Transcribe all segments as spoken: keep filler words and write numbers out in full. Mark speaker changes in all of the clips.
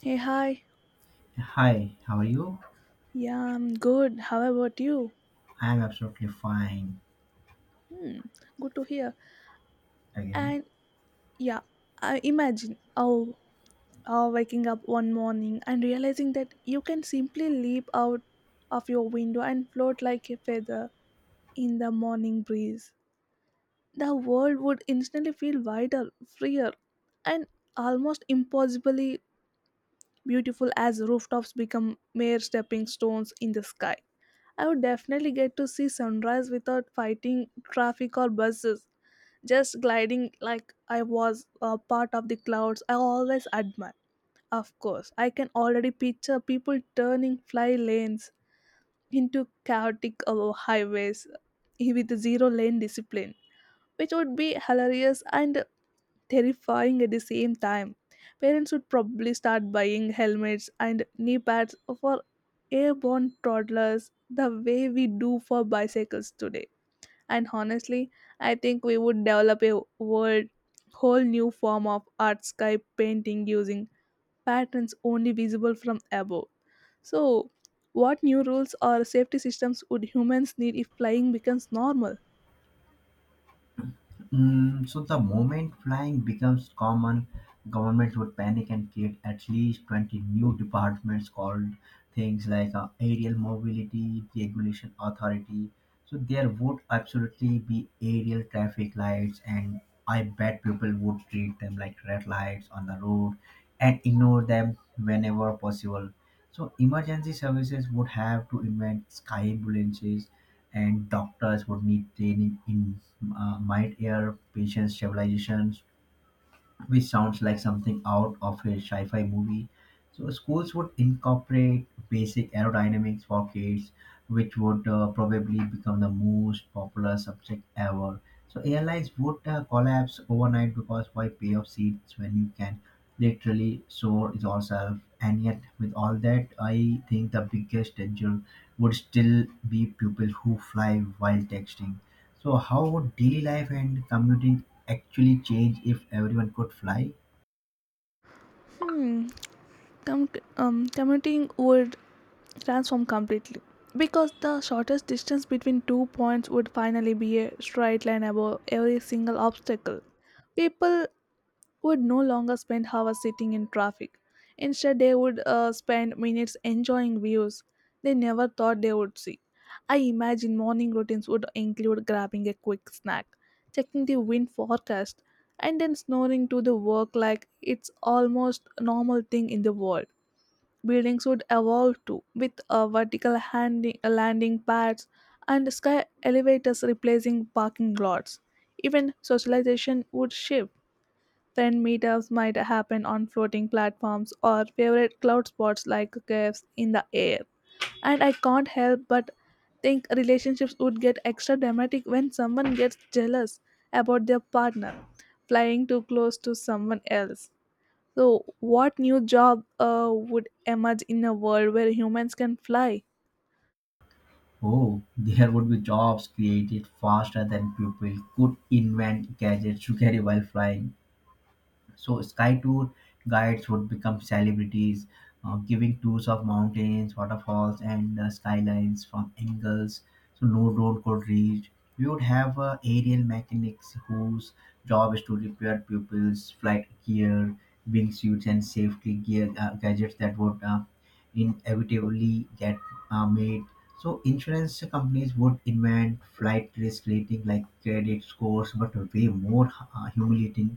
Speaker 1: Hey, hi.
Speaker 2: Hi, how are you?
Speaker 1: Yeah, I'm good. How about you?
Speaker 2: I'm absolutely fine
Speaker 1: Hmm, good to hear.
Speaker 2: again.
Speaker 1: And yeah, I imagine oh, oh, waking up one morning and realizing that you can simply leap out of your window and float like a feather in the morning breeze. The world would instantly feel wider, freer, and almost impossibly beautiful as rooftops become mere stepping stones in the sky. I would definitely get to see sunrise without fighting traffic or buses, just gliding like I was a part of the clouds I always admire. Of course, I can already picture people turning fly lanes into chaotic uh, highways with zero lane discipline, which would be hilarious and terrifying at the same time. Parents would probably start buying helmets and knee pads for airborne toddlers the way we do for bicycles today. And honestly, I think we would develop a world whole new form of art sky painting using patterns only visible from above. So, what new rules or safety systems would humans need if flying becomes normal?
Speaker 2: Mm, so, the moment flying becomes common, governments would panic and create at least twenty new departments called things like uh, aerial mobility regulation authority. So, there would absolutely be aerial traffic lights, and I bet people would treat them like red lights on the road and ignore them whenever possible. So emergency services would have to invent sky ambulances and doctors would need training in uh, mind-air patient stabilization, which sounds like something out of a sci-fi movie. So schools would incorporate basic aerodynamics for kids, which would uh, probably become the most popular subject ever. So airlines would uh, collapse overnight because why pay off seats when you can literally, sore yourself, and yet with all that I think the biggest danger would still be people who fly while texting. So how would daily life and commuting actually change if everyone could fly?
Speaker 1: Hmm. Com- um, Commuting would transform completely because the shortest distance between two points would finally be a straight line above every single obstacle. People would no longer spend hours sitting in traffic. Instead, they would uh, spend minutes enjoying views they never thought they would see. I imagine morning routines would include grabbing a quick snack, checking the wind forecast, and then snoring to the work like it's almost a normal thing in the world. Buildings would evolve too, with uh, vertical handi- uh, landing pads and sky elevators replacing parking lots. Even socialization would shift. Friend meetups might happen on floating platforms or favorite cloud spots like caves in the air. And I can't help but think relationships would get extra dramatic when someone gets jealous about their partner flying too close to someone else. So, what new job uh, would emerge in a world where humans can fly?
Speaker 2: Oh, there would be jobs created faster than people could invent gadgets to carry while flying. So sky tour guides would become celebrities, uh, giving tours of mountains, waterfalls, and uh, skylines from angles so no drone could reach. We would have uh, aerial mechanics whose job is to repair pupils' flight gear, wingsuits, and safety gear uh, gadgets that would uh, inevitably get uh, made. So insurance companies would invent flight risk rating like credit scores, but way more uh, humiliating,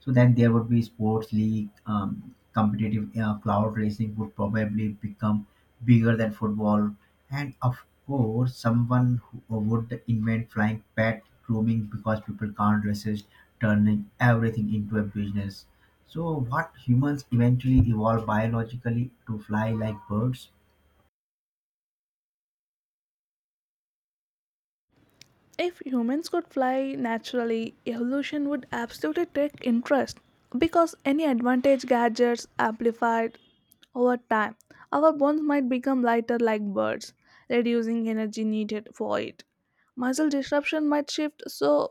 Speaker 2: so then there would be sports league, um, competitive uh, cloud racing would probably become bigger than football, and of course someone who uh, would invent flying pet grooming because people can't resist turning everything into a business. So what humans eventually evolve biologically to fly like birds?
Speaker 1: If humans could fly naturally, evolution would absolutely take interest because any advantage gadgets amplified over time. Our bones might become lighter like birds, reducing energy needed for it. Muscle disruption might shift so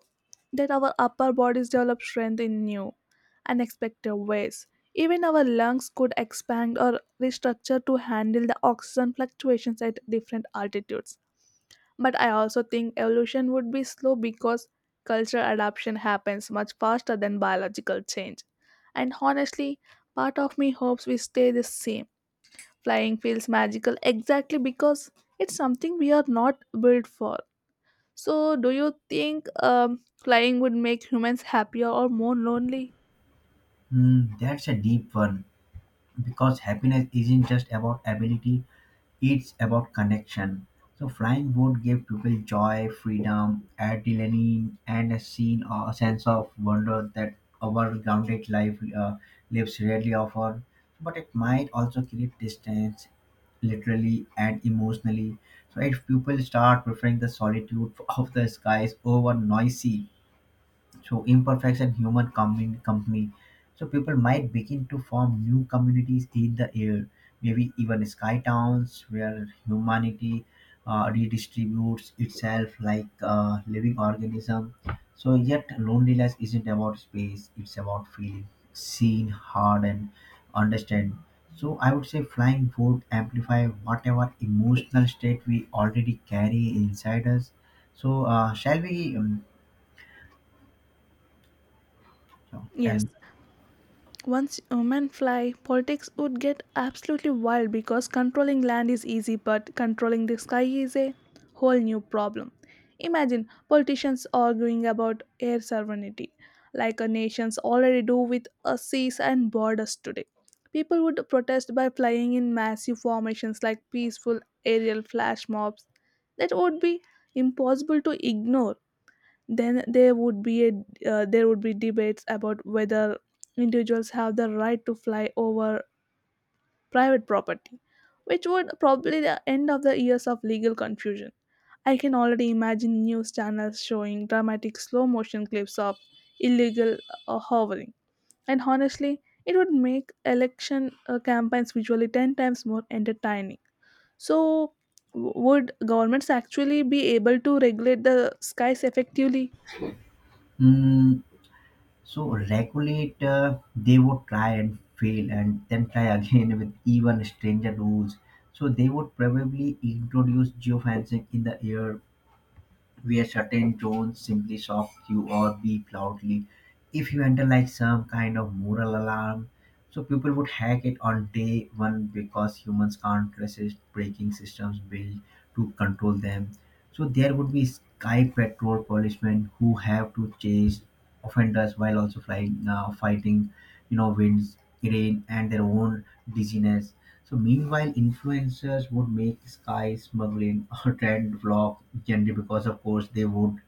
Speaker 1: that our upper bodies develop strength in new, unexpected ways. Even our lungs could expand or restructure to handle the oxygen fluctuations at different altitudes, but I also think evolution would be slow because cultural adaptation happens much faster than biological change. And honestly, part of me hopes we stay the same. Flying feels magical exactly because it's something we are not built for. So, do you think um, flying would make humans happier or more lonely?
Speaker 2: Hmm, that's a deep one because happiness isn't just about ability. It's about connection. So flying would give people joy, freedom, adrenaline, and a scene or a sense of wonder that our grounded life uh, lives rarely offer. But it might also create distance, literally and emotionally. So if people start preferring the solitude of the skies over noisy, so imperfection human commun- company, so people might begin to form new communities in the air, maybe even sky towns where humanity uh, redistributes itself like a living organism. So yet loneliness isn't about space, it's about feeling seen, heard and understand. So I would say flying would amplify whatever emotional state we already carry inside us. So uh, shall we um, so tell
Speaker 1: Yes.
Speaker 2: me.
Speaker 1: Once women fly, politics would get absolutely wild because controlling land is easy, but controlling the sky is a whole new problem. Imagine politicians arguing about air sovereignty, like a nations already do with uh, seas and borders today. People would protest by flying in massive formations like peaceful aerial flash mobs. That would be impossible to ignore. Then there would be a uh, there would be debates about whether individuals have the right to fly over private property, which would probably the end of the years of legal confusion. I can already imagine news channels showing dramatic slow motion clips of illegal uh, hovering. And honestly, it would make election uh, campaigns visually ten times more entertaining. So, w- would governments actually be able to regulate the skies effectively?
Speaker 2: Mm, so regulate, uh, they would try and fail and then try again with even stranger rules. So they would probably introduce geofencing in the air where certain tones simply shock you or beep loudly. If you enter like some kind of moral alarm, so people would hack it on day one because humans can't resist breaking systems built to control them. So there would be sky patrol policemen who have to chase offenders while also flying, uh, fighting, you know, winds, rain, and their own dizziness. So meanwhile, influencers would make sky smuggling a trend vlog generally because of course they would.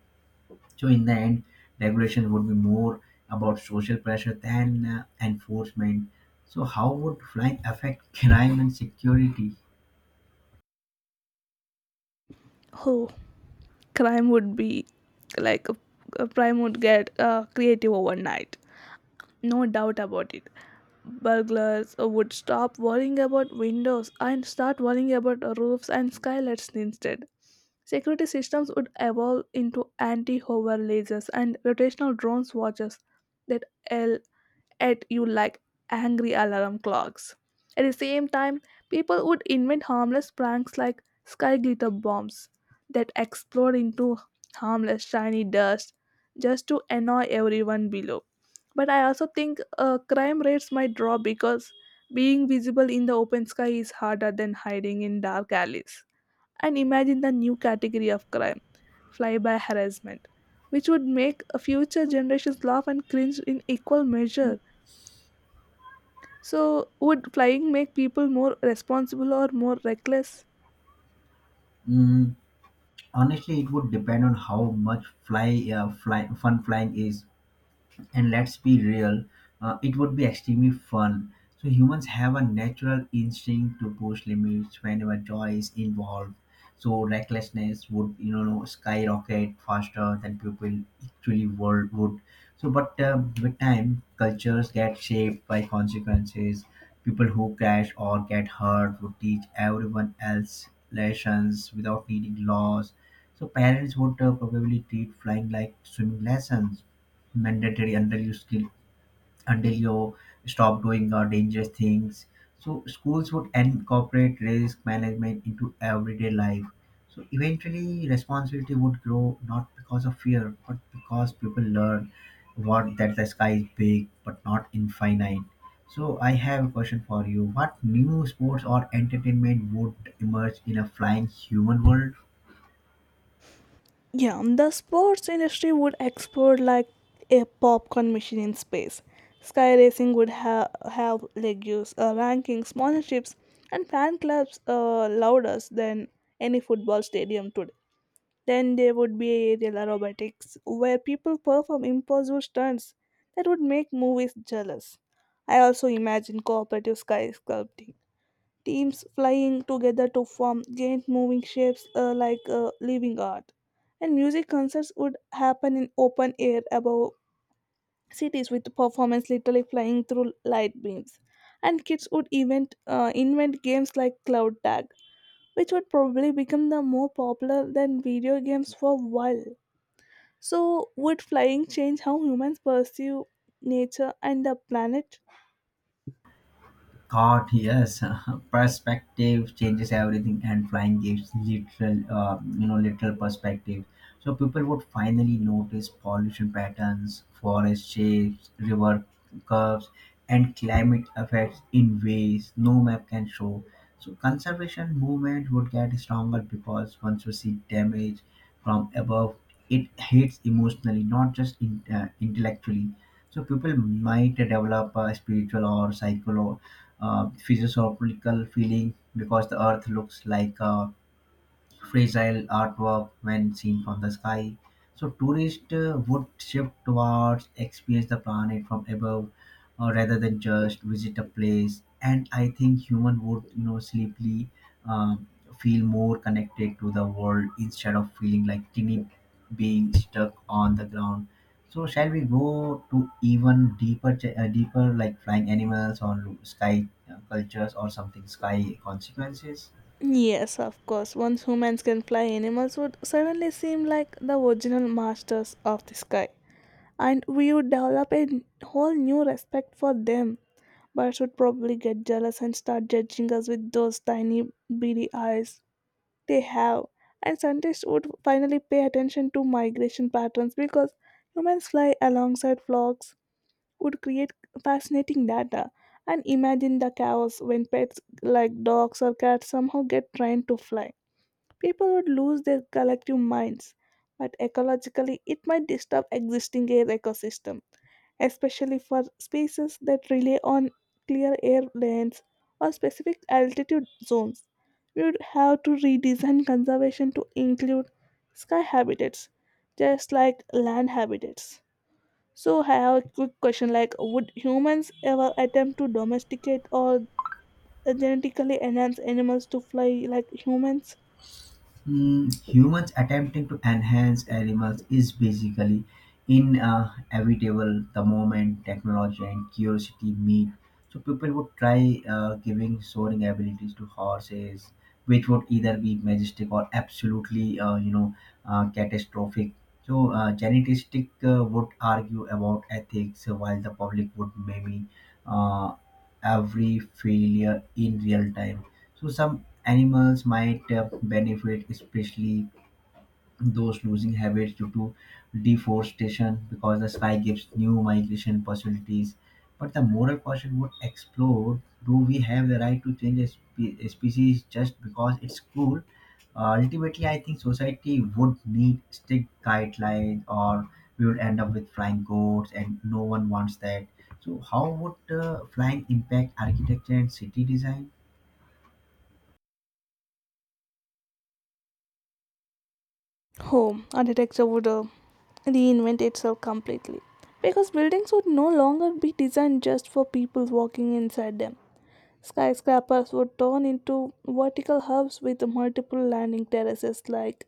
Speaker 2: So in the end, regulations would be more about social pressure than uh, enforcement. So how would flying affect crime and security?
Speaker 1: Oh, crime would be like uh, crime would get uh, creative overnight, no doubt about it. Burglars would stop worrying about windows and start worrying about roofs and skylights instead. Security systems would evolve into anti-hover lasers and rotational drones watches that at you like angry alarm clocks. At the same time, people would invent harmless pranks like sky glitter bombs that explode into harmless shiny dust just to annoy everyone below. But I also think uh, crime rates might drop because being visible in the open sky is harder than hiding in dark alleys. And imagine the new category of crime, flyby harassment, which would make future generations laugh and cringe in equal measure. So, would flying make people more responsible or more reckless?
Speaker 2: Mm, honestly, it would depend on how much fly, uh, fly fun flying is. And let's be real, uh, it would be extremely fun. So humans have a natural instinct to push limits whenever joy is involved. So recklessness would, you know, skyrocket faster than people actually world would. So, but um, with time, cultures get shaped by consequences. People who crash or get hurt would teach everyone else lessons without needing laws. So parents would uh, probably treat flying like swimming lessons, mandatory until you skill until you stop doing uh, dangerous things. So schools would incorporate risk management into everyday life. So eventually responsibility would grow, not because of fear but because people learn what that the sky is big but not infinite. So I have a question for you: what new sports or entertainment would emerge in a flying human world?
Speaker 1: Yeah, and the sports industry would explode like a popcorn machine in space. Sky racing would ha- have legumes, uh, rankings, sponsorships, and fan clubs uh, louder than any football stadium today. Then there would be aerial aerobatics, where people perform impossible stunts that would make movies jealous. I also imagine cooperative sky sculpting teams flying together to form giant moving shapes uh, like uh, living art. And music concerts would happen in open air above cities with performance literally flying through light beams. And kids would invent, uh, invent games like Cloud Tag, which would probably become the more popular than video games for a while. So, would flying change how humans perceive nature and the planet?
Speaker 2: God, yes, perspective changes everything, and flying gives literal, uh, you know, literal perspective. So people would finally notice pollution patterns, forest shapes, river curves, and climate effects in ways no map can show. So conservation movement would get stronger because once you see damage from above, it hits emotionally, not just in, uh, intellectually. So people might develop a spiritual or psycholo uh, physiological feeling because the earth looks like a fragile artwork when seen from the sky. So tourists uh, would shift towards experience the planet from above, uh, rather than just visit a place. And I think human would, you know, sleepily um feel more connected to the world instead of feeling like tiny being stuck on the ground. So shall we go to even deeper, ch- uh, deeper, like flying animals or sky uh, cultures or something sky consequences?
Speaker 1: Yes, of course. Once humans can fly, animals would suddenly seem like the original masters of the sky. And we would develop a whole new respect for them. Birds would probably get jealous and start judging us with those tiny, beady eyes they have. And scientists would finally pay attention to migration patterns because humans fly alongside flocks, would create fascinating data. And imagine the chaos when pets like dogs or cats somehow get trained to fly. People would lose their collective minds, but ecologically, it might disturb existing air ecosystem, especially for species that rely on clear air lanes or specific altitude zones. We would have to redesign conservation to include sky habitats, just like land habitats. So I have a quick question like would humans ever attempt to domesticate or genetically enhance animals to fly like humans?
Speaker 2: Hmm, humans attempting to enhance animals is basically inevitable the moment technology and curiosity meet. So people would try uh, giving soaring abilities to horses, which would either be majestic or absolutely, uh, you know, uh, catastrophic. So uh, genetistic uh, would argue about ethics, uh, while the public would maybe uh, every failure in real time. So some animals might uh, benefit, especially those losing habits due to deforestation, because the sky gives new migration possibilities. But the moral question would explore: do we have the right to change a, spe- a species just because it's cool? Uh, ultimately, I think society would need strict guidelines, or we would end up with flying goats, and no one wants that. So, how would uh, flying impact architecture and city design?
Speaker 1: Home architecture would uh, reinvent itself completely because buildings would no longer be designed just for people walking inside them. Skyscrapers would turn into vertical hubs with multiple landing terraces like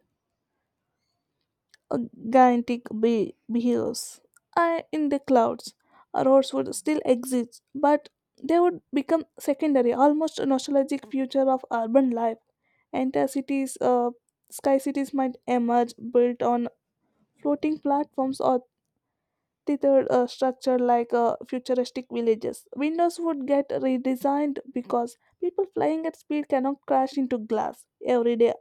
Speaker 1: a gigantic be- beehives uh, in the clouds. Roads would still exist, but they would become secondary, almost a nostalgic future of urban life. Entire cities, uh, sky cities might emerge built on floating platforms or tethered uh, structure like uh, futuristic villages. Windows would get redesigned because people flying at speed cannot crash into glass every day,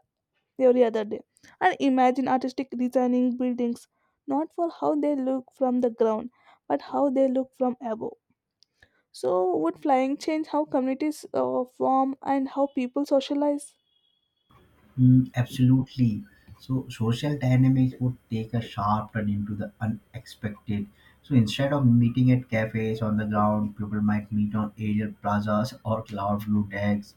Speaker 1: every other day. And imagine artistic designing buildings not for how they look from the ground, but how they look from above. So, would flying change how communities uh, form and how people socialize?
Speaker 2: Mm, absolutely. So social dynamics would take a sharp turn into the unexpected. So instead of meeting at cafes on the ground, people might meet on aerial plazas or cloud blue decks.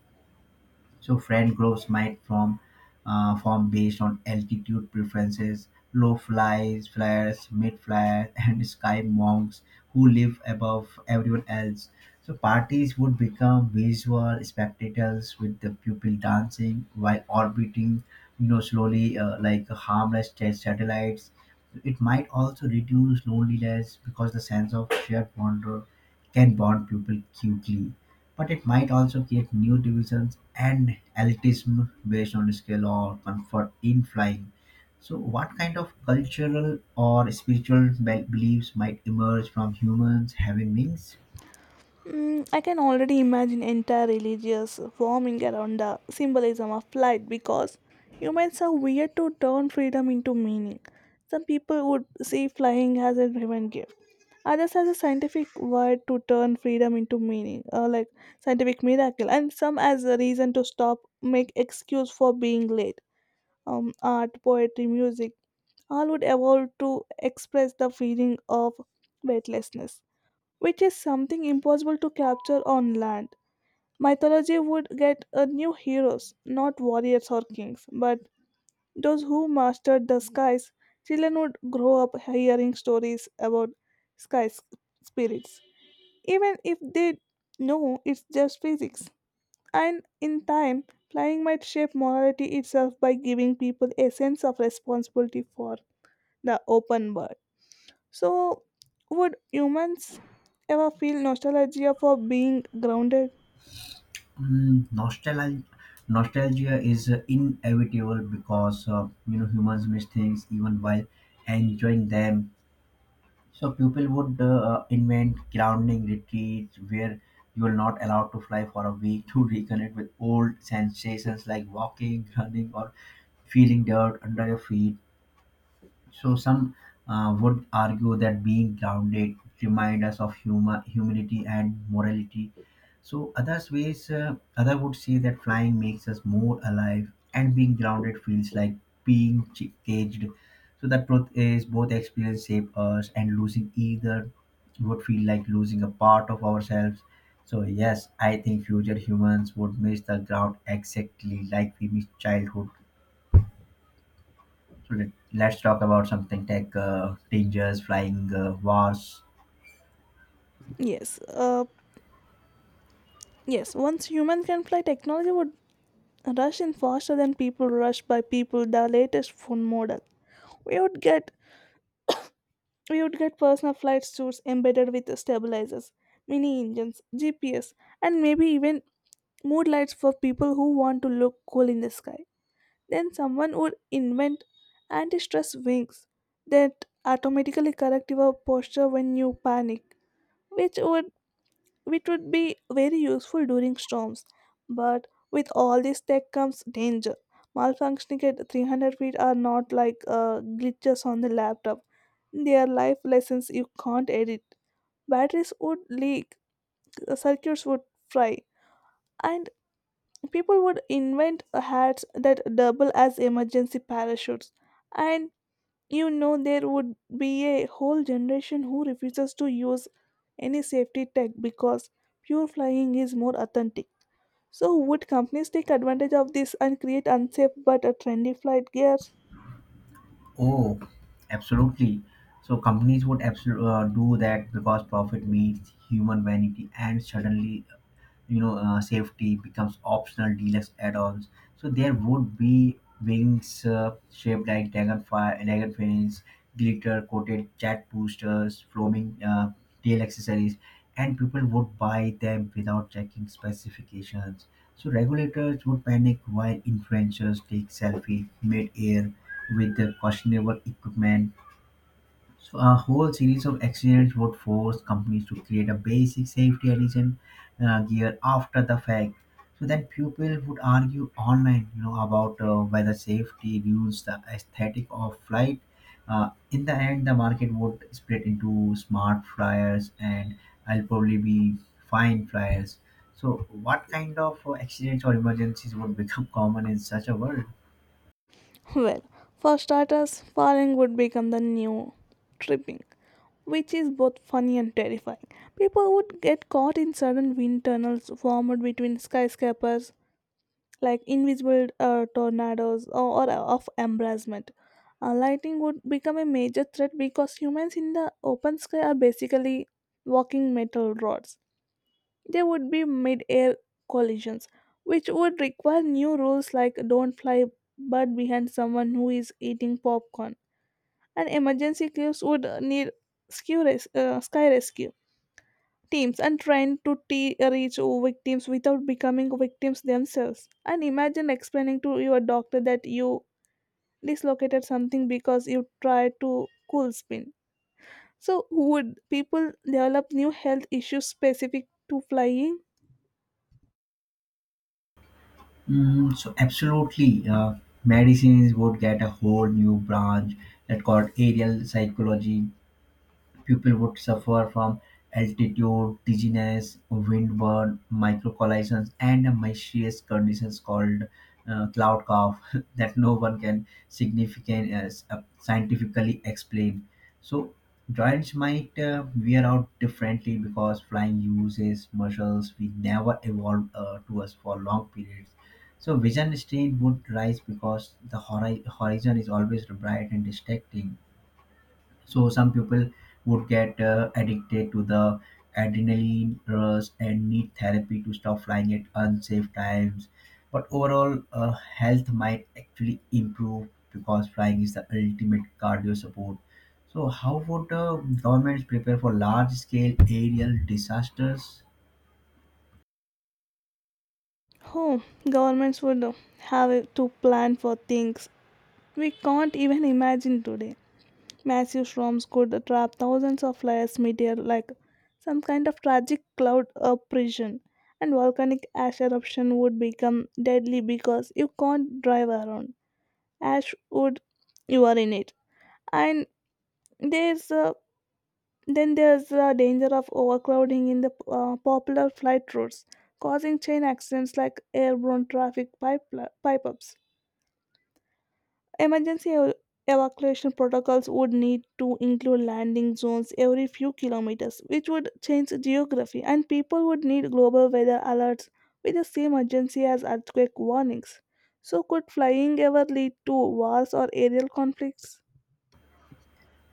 Speaker 2: So friend groups might form, uh, form based on altitude preferences, low flies, flyers, mid flyers, and sky monks who live above everyone else. So parties would become visual spectacles with the pupil dancing while orbiting, you know, slowly, uh, like harmless sta- satellites. It might also reduce loneliness because the sense of shared wonder can bond people quickly, but it might also create new divisions and elitism based on skill or comfort in flying. So what kind of cultural or spiritual be- beliefs might emerge from humans having wings?
Speaker 1: Mm, I can already imagine entire religious forming around the symbolism of light because humans are weird to turn freedom into meaning. Some people would see flying as a divine gift, others as a scientific word to turn freedom into meaning, uh, like scientific miracle, and some as a reason to stop, make excuse for being late. Um, art, poetry, music, all would evolve to express the feeling of weightlessness, which is something impossible to capture on land. Mythology would get a new heroes, not warriors or kings, but those who mastered the skies. Children would grow up hearing stories about sky s- spirits, even if they know it's just physics. And in time, flying might shape morality itself by giving people a sense of responsibility for the open world. So, would humans ever feel nostalgia for being grounded?
Speaker 2: Mm, nostalgia nostalgia is uh, inevitable because, uh, you know, humans miss things even while enjoying them. So people would uh, uh, invent grounding retreats where you are not allowed to fly for a week to reconnect with old sensations like walking, running or feeling dirt under your feet. So some uh, would argue that being grounded remind us of humor, humility and morality. So others ways, uh, other would say that flying makes us more alive, and being grounded feels like being ch- caged. So the truth is, both experience shape us, and losing either would feel like losing a part of ourselves. So yes, I think future humans would miss the ground exactly like we miss childhood. Okay, let's talk about something tech, uh, dangers, flying, uh, wars.
Speaker 1: Yes. Uh, yes. Once human can fly, technology would rush in faster than people rush by people. The latest phone model. We would get we would get personal flight suits embedded with stabilizers, mini engines, G P S, and maybe even mood lights for people who want to look cool in the sky. Then someone would invent anti stress wings that automatically correct your posture when you panic, which would which would be very useful during storms. But with all this tech comes danger. Malfunctioning at three hundred feet are not like uh, glitches on the laptop. They are life lessons you can't edit. Batteries would leak, circuits would fry, and people would invent hats that double as emergency parachutes. And you know, there would be a whole generation who refuses to use any safety tech because pure flying is more authentic. So, would companies take advantage of this and create unsafe but a trendy flight gear?
Speaker 2: Oh, absolutely. So companies would absolutely uh, do that because profit meets human vanity, and suddenly, you know, uh, safety becomes optional deluxe add-ons. So there would be wings uh, shaped like dragonfly, dragon fins, glitter coated chat boosters, foaming uh, tail accessories, and people would buy them without checking specifications. So regulators would panic while influencers take selfie mid-air with their questionable equipment. So a whole series of accidents would force companies to create a basic safety alliance uh, gear after the fact. So then people would argue online, you know, about uh, whether safety ruins the aesthetic of flight. Uh, in the end, the market would split into smart flyers and I'll probably be fine flyers. So what kind of uh, accidents or emergencies would become common in such a world?
Speaker 1: Well, for starters, falling would become the new tripping, which is both funny and terrifying. People would get caught in sudden wind tunnels formed between skyscrapers like invisible uh, tornadoes or, or uh, of embracement. Uh, lightning would become a major threat because humans in the open sky are basically walking metal rods. There would be mid air collisions, which would require new rules like don't fly but behind someone who is eating popcorn. And emergency crews would uh, need skew res- uh, sky rescue teams and trying to te- reach victims without becoming victims themselves. And imagine explaining to your doctor that you dislocated something because you tried to cool spin. So, would people develop new health issues specific to flying?
Speaker 2: Mm, so absolutely, uh, medicines would get a whole new branch that called aerial psychology. People would suffer from altitude, dizziness, windburn, microcollisions, and a mysterious conditions called uh, cloud cough that no one can significant as uh, scientifically explain. So droids might uh, wear out differently because flying uses muscles we never evolved uh, to us for long periods. So vision strain would rise because the hori- horizon is always bright and distracting. So some people would get uh, addicted to the adrenaline rush and need therapy to stop flying at unsafe times, but overall uh, health might actually improve because flying is the ultimate cardio support. So how would uh, governments prepare for large scale aerial disasters?
Speaker 1: Oh, governments would have to plan for things we can't even imagine today. Massive storms could trap thousands of flyers meteor like some kind of tragic cloud oppression, and volcanic ash eruption would become deadly because you can't drive around. Ash would, you are in it. And there's uh, then there's the danger of overcrowding in the uh, popular flight routes, causing chain accidents like airborne traffic pipe, pipe ups. Emergency ev- evacuation protocols would need to include landing zones every few kilometers, which would change geography, and people would need global weather alerts with the same urgency as earthquake warnings. So, could flying ever lead to wars or aerial conflicts?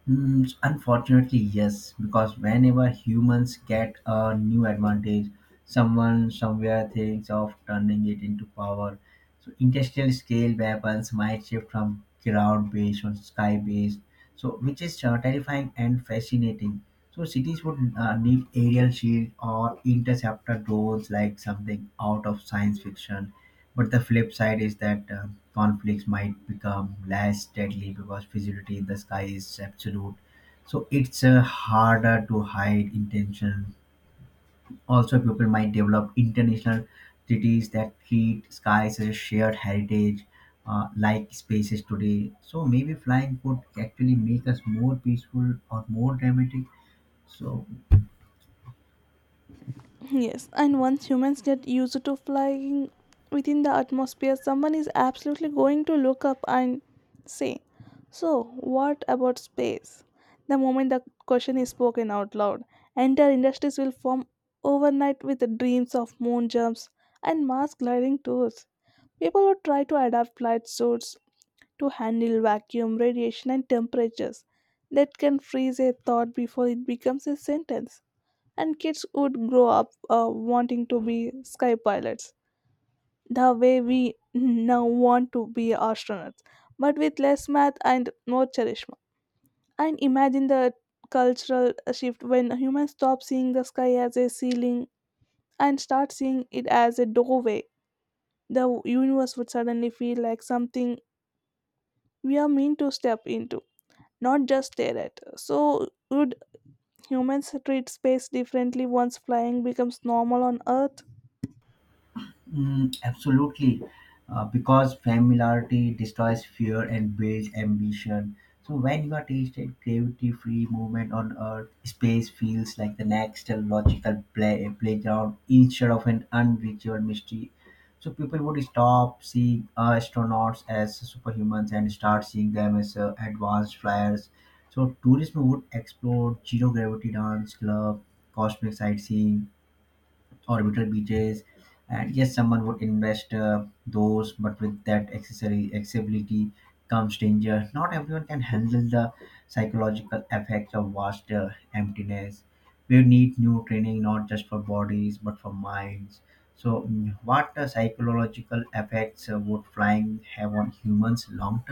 Speaker 2: Mm, unfortunately, yes, because whenever humans get a new advantage, someone somewhere thinks of turning it into power. So, industrial scale weapons might shift from ground based or sky based, so which is uh, terrifying and fascinating. So, cities would uh, need aerial shield or interceptor drones, like something out of science fiction, but the flip side is that uh, conflicts might become less deadly because visibility in the sky is absolute. So it's uh, harder to hide intention. Also, people might develop international treaties that treat skies as a shared heritage, uh, like spaces today. So maybe flying could actually make us more peaceful or more dramatic. So
Speaker 1: Yes, and once humans get used to flying within the atmosphere, someone is absolutely going to look up and say, so, what about space? The moment the question is spoken out loud, entire industries will form overnight with the dreams of moon jumps and Mars gliding tours. People would try to adapt flight suits to handle vacuum, radiation, and temperatures that can freeze a thought before it becomes a sentence, and kids would grow up uh, wanting to be sky pilots the way we now want to be astronauts, but with less math and more cherishma. And imagine the cultural shift when humans stop seeing the sky as a ceiling and start seeing it as a doorway. The universe would suddenly feel like something we are meant to step into, not just stare at. So, would humans treat space differently once flying becomes normal on earth?
Speaker 2: mm, absolutely, uh, because familiarity destroys fear and builds ambition. So when you are tasted gravity-free movement on Earth, space feels like the next logical play, playground instead of an unreachable mystery. So people would stop seeing uh, astronauts as superhumans and start seeing them as uh, advanced flyers. So tourism would explore zero gravity dance club, cosmic sightseeing, orbital beaches, and yes someone would invest uh, those, but with that accessory accessibility comes danger. Not everyone can handle the psychological effects of vast uh, emptiness. We need new training not just for bodies but for minds. So mm, what uh, psychological effects uh, would flying have on humans long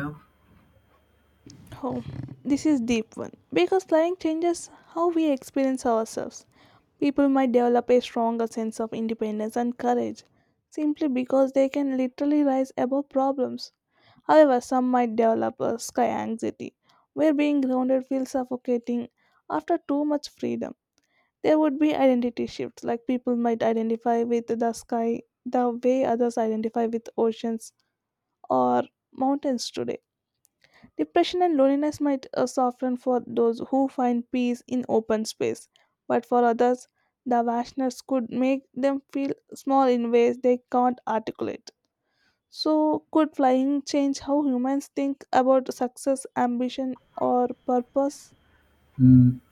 Speaker 1: Oh, this is deep one because slang changes how we experience ourselves. People might develop a stronger sense of independence and courage simply because they can literally rise above problems. However, some might develop a sky anxiety where being grounded feels suffocating after too much freedom. There would be identity shifts, like people might identify with the sky the way others identify with oceans or mountains today. Depression and loneliness might uh, soften for those who find peace in open space, but for others, the vastness could make them feel small in ways they can't articulate. So, could flying change how humans think about success, ambition, or purpose?
Speaker 2: term?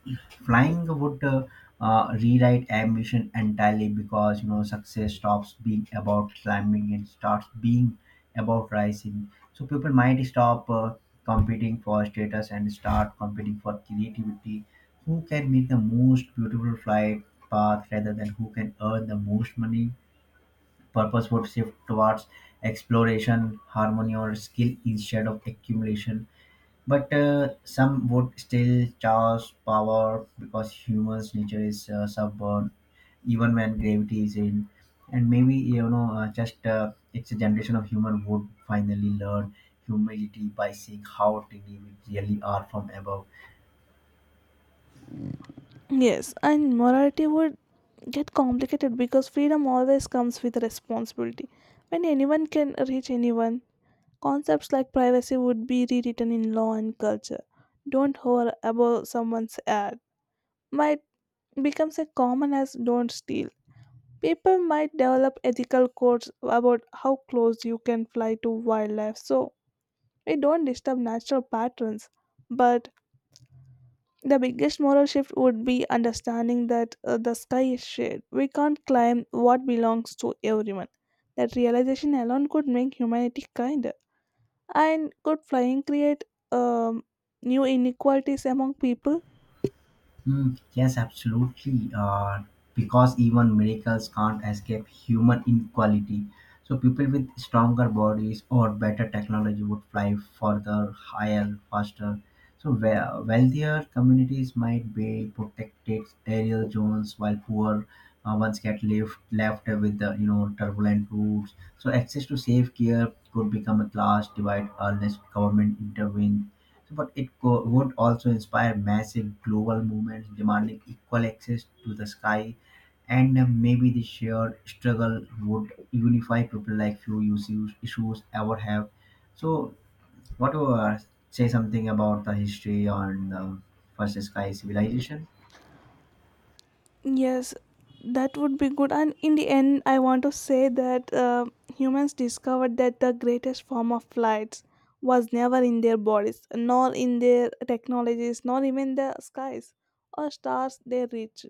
Speaker 2: Flying would uh, uh, rewrite ambition entirely because, you know, success stops being about climbing and starts being about rising. So people might stop uh, competing for status and start competing for creativity, who can make the most beautiful flight path rather than who can earn the most money. Purpose would shift towards exploration, harmony or skill instead of accumulation, but uh, some would still charge power because humans' nature is uh, stubborn, even when gravity is in. And maybe, you know, uh, just uh, it's a generation of human would finally learn humility by seeing how tiny we really are from above.
Speaker 1: Yes, and morality would get complicated because freedom always comes with responsibility. When anyone can reach anyone, concepts like privacy would be rewritten in law and culture. Don't hover above someone's ad might become as common as don't steal. People might develop ethical codes about how close you can fly to wildlife so we don't disturb natural patterns. But the biggest moral shift would be understanding that uh, the sky is shared. We can't claim what belongs to everyone. That realization alone could make humanity kinder. And could flying create um, new inequalities among people?
Speaker 2: Mm, yes, absolutely. Uh, because even miracles can't escape human inequality. So people with stronger bodies or better technology would fly further, higher, faster. So wea- wealthier communities might be protected aerial zones, while poor uh, ones get left left with the, you know, turbulent routes. So access to safe care could become a class divide unless government intervenes, but it co- would also inspire massive global movements demanding equal access to the sky, and uh, maybe the shared struggle would unify people like few issues, issues ever have. So, what do you, uh, say something about the history on the first sky civilization?
Speaker 1: Yes, that would be good. And in the end, I want to say that uh, humans discovered that the greatest form of flights was never in their bodies, nor in their technologies, nor even the skies or stars they reached.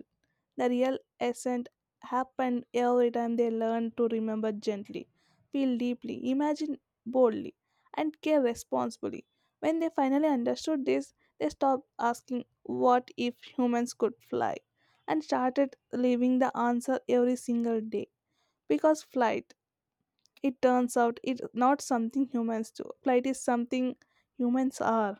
Speaker 1: The real ascent happened every time they learned to remember gently, feel deeply, imagine boldly, and care responsibly. When they finally understood this, they stopped asking what if humans could fly, and started leaving the answer every single day. Because flight, it turns out, it's not something humans do. Flight is something humans are.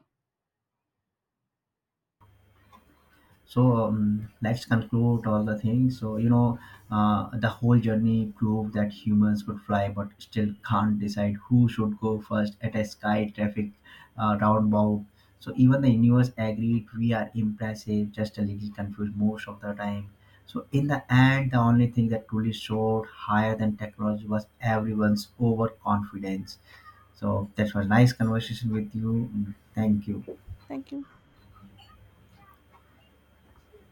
Speaker 2: So um, let's conclude all the things. So you know, uh, the whole journey proved that humans could fly, but still can't decide who should go first at a sky traffic uh, roundabout. So even the universe agreed we are impressive, just a little confused most of the time. So in the end, the only thing that truly showed higher than technology was everyone's overconfidence. So that was nice conversation with you. Thank you.
Speaker 1: Thank you.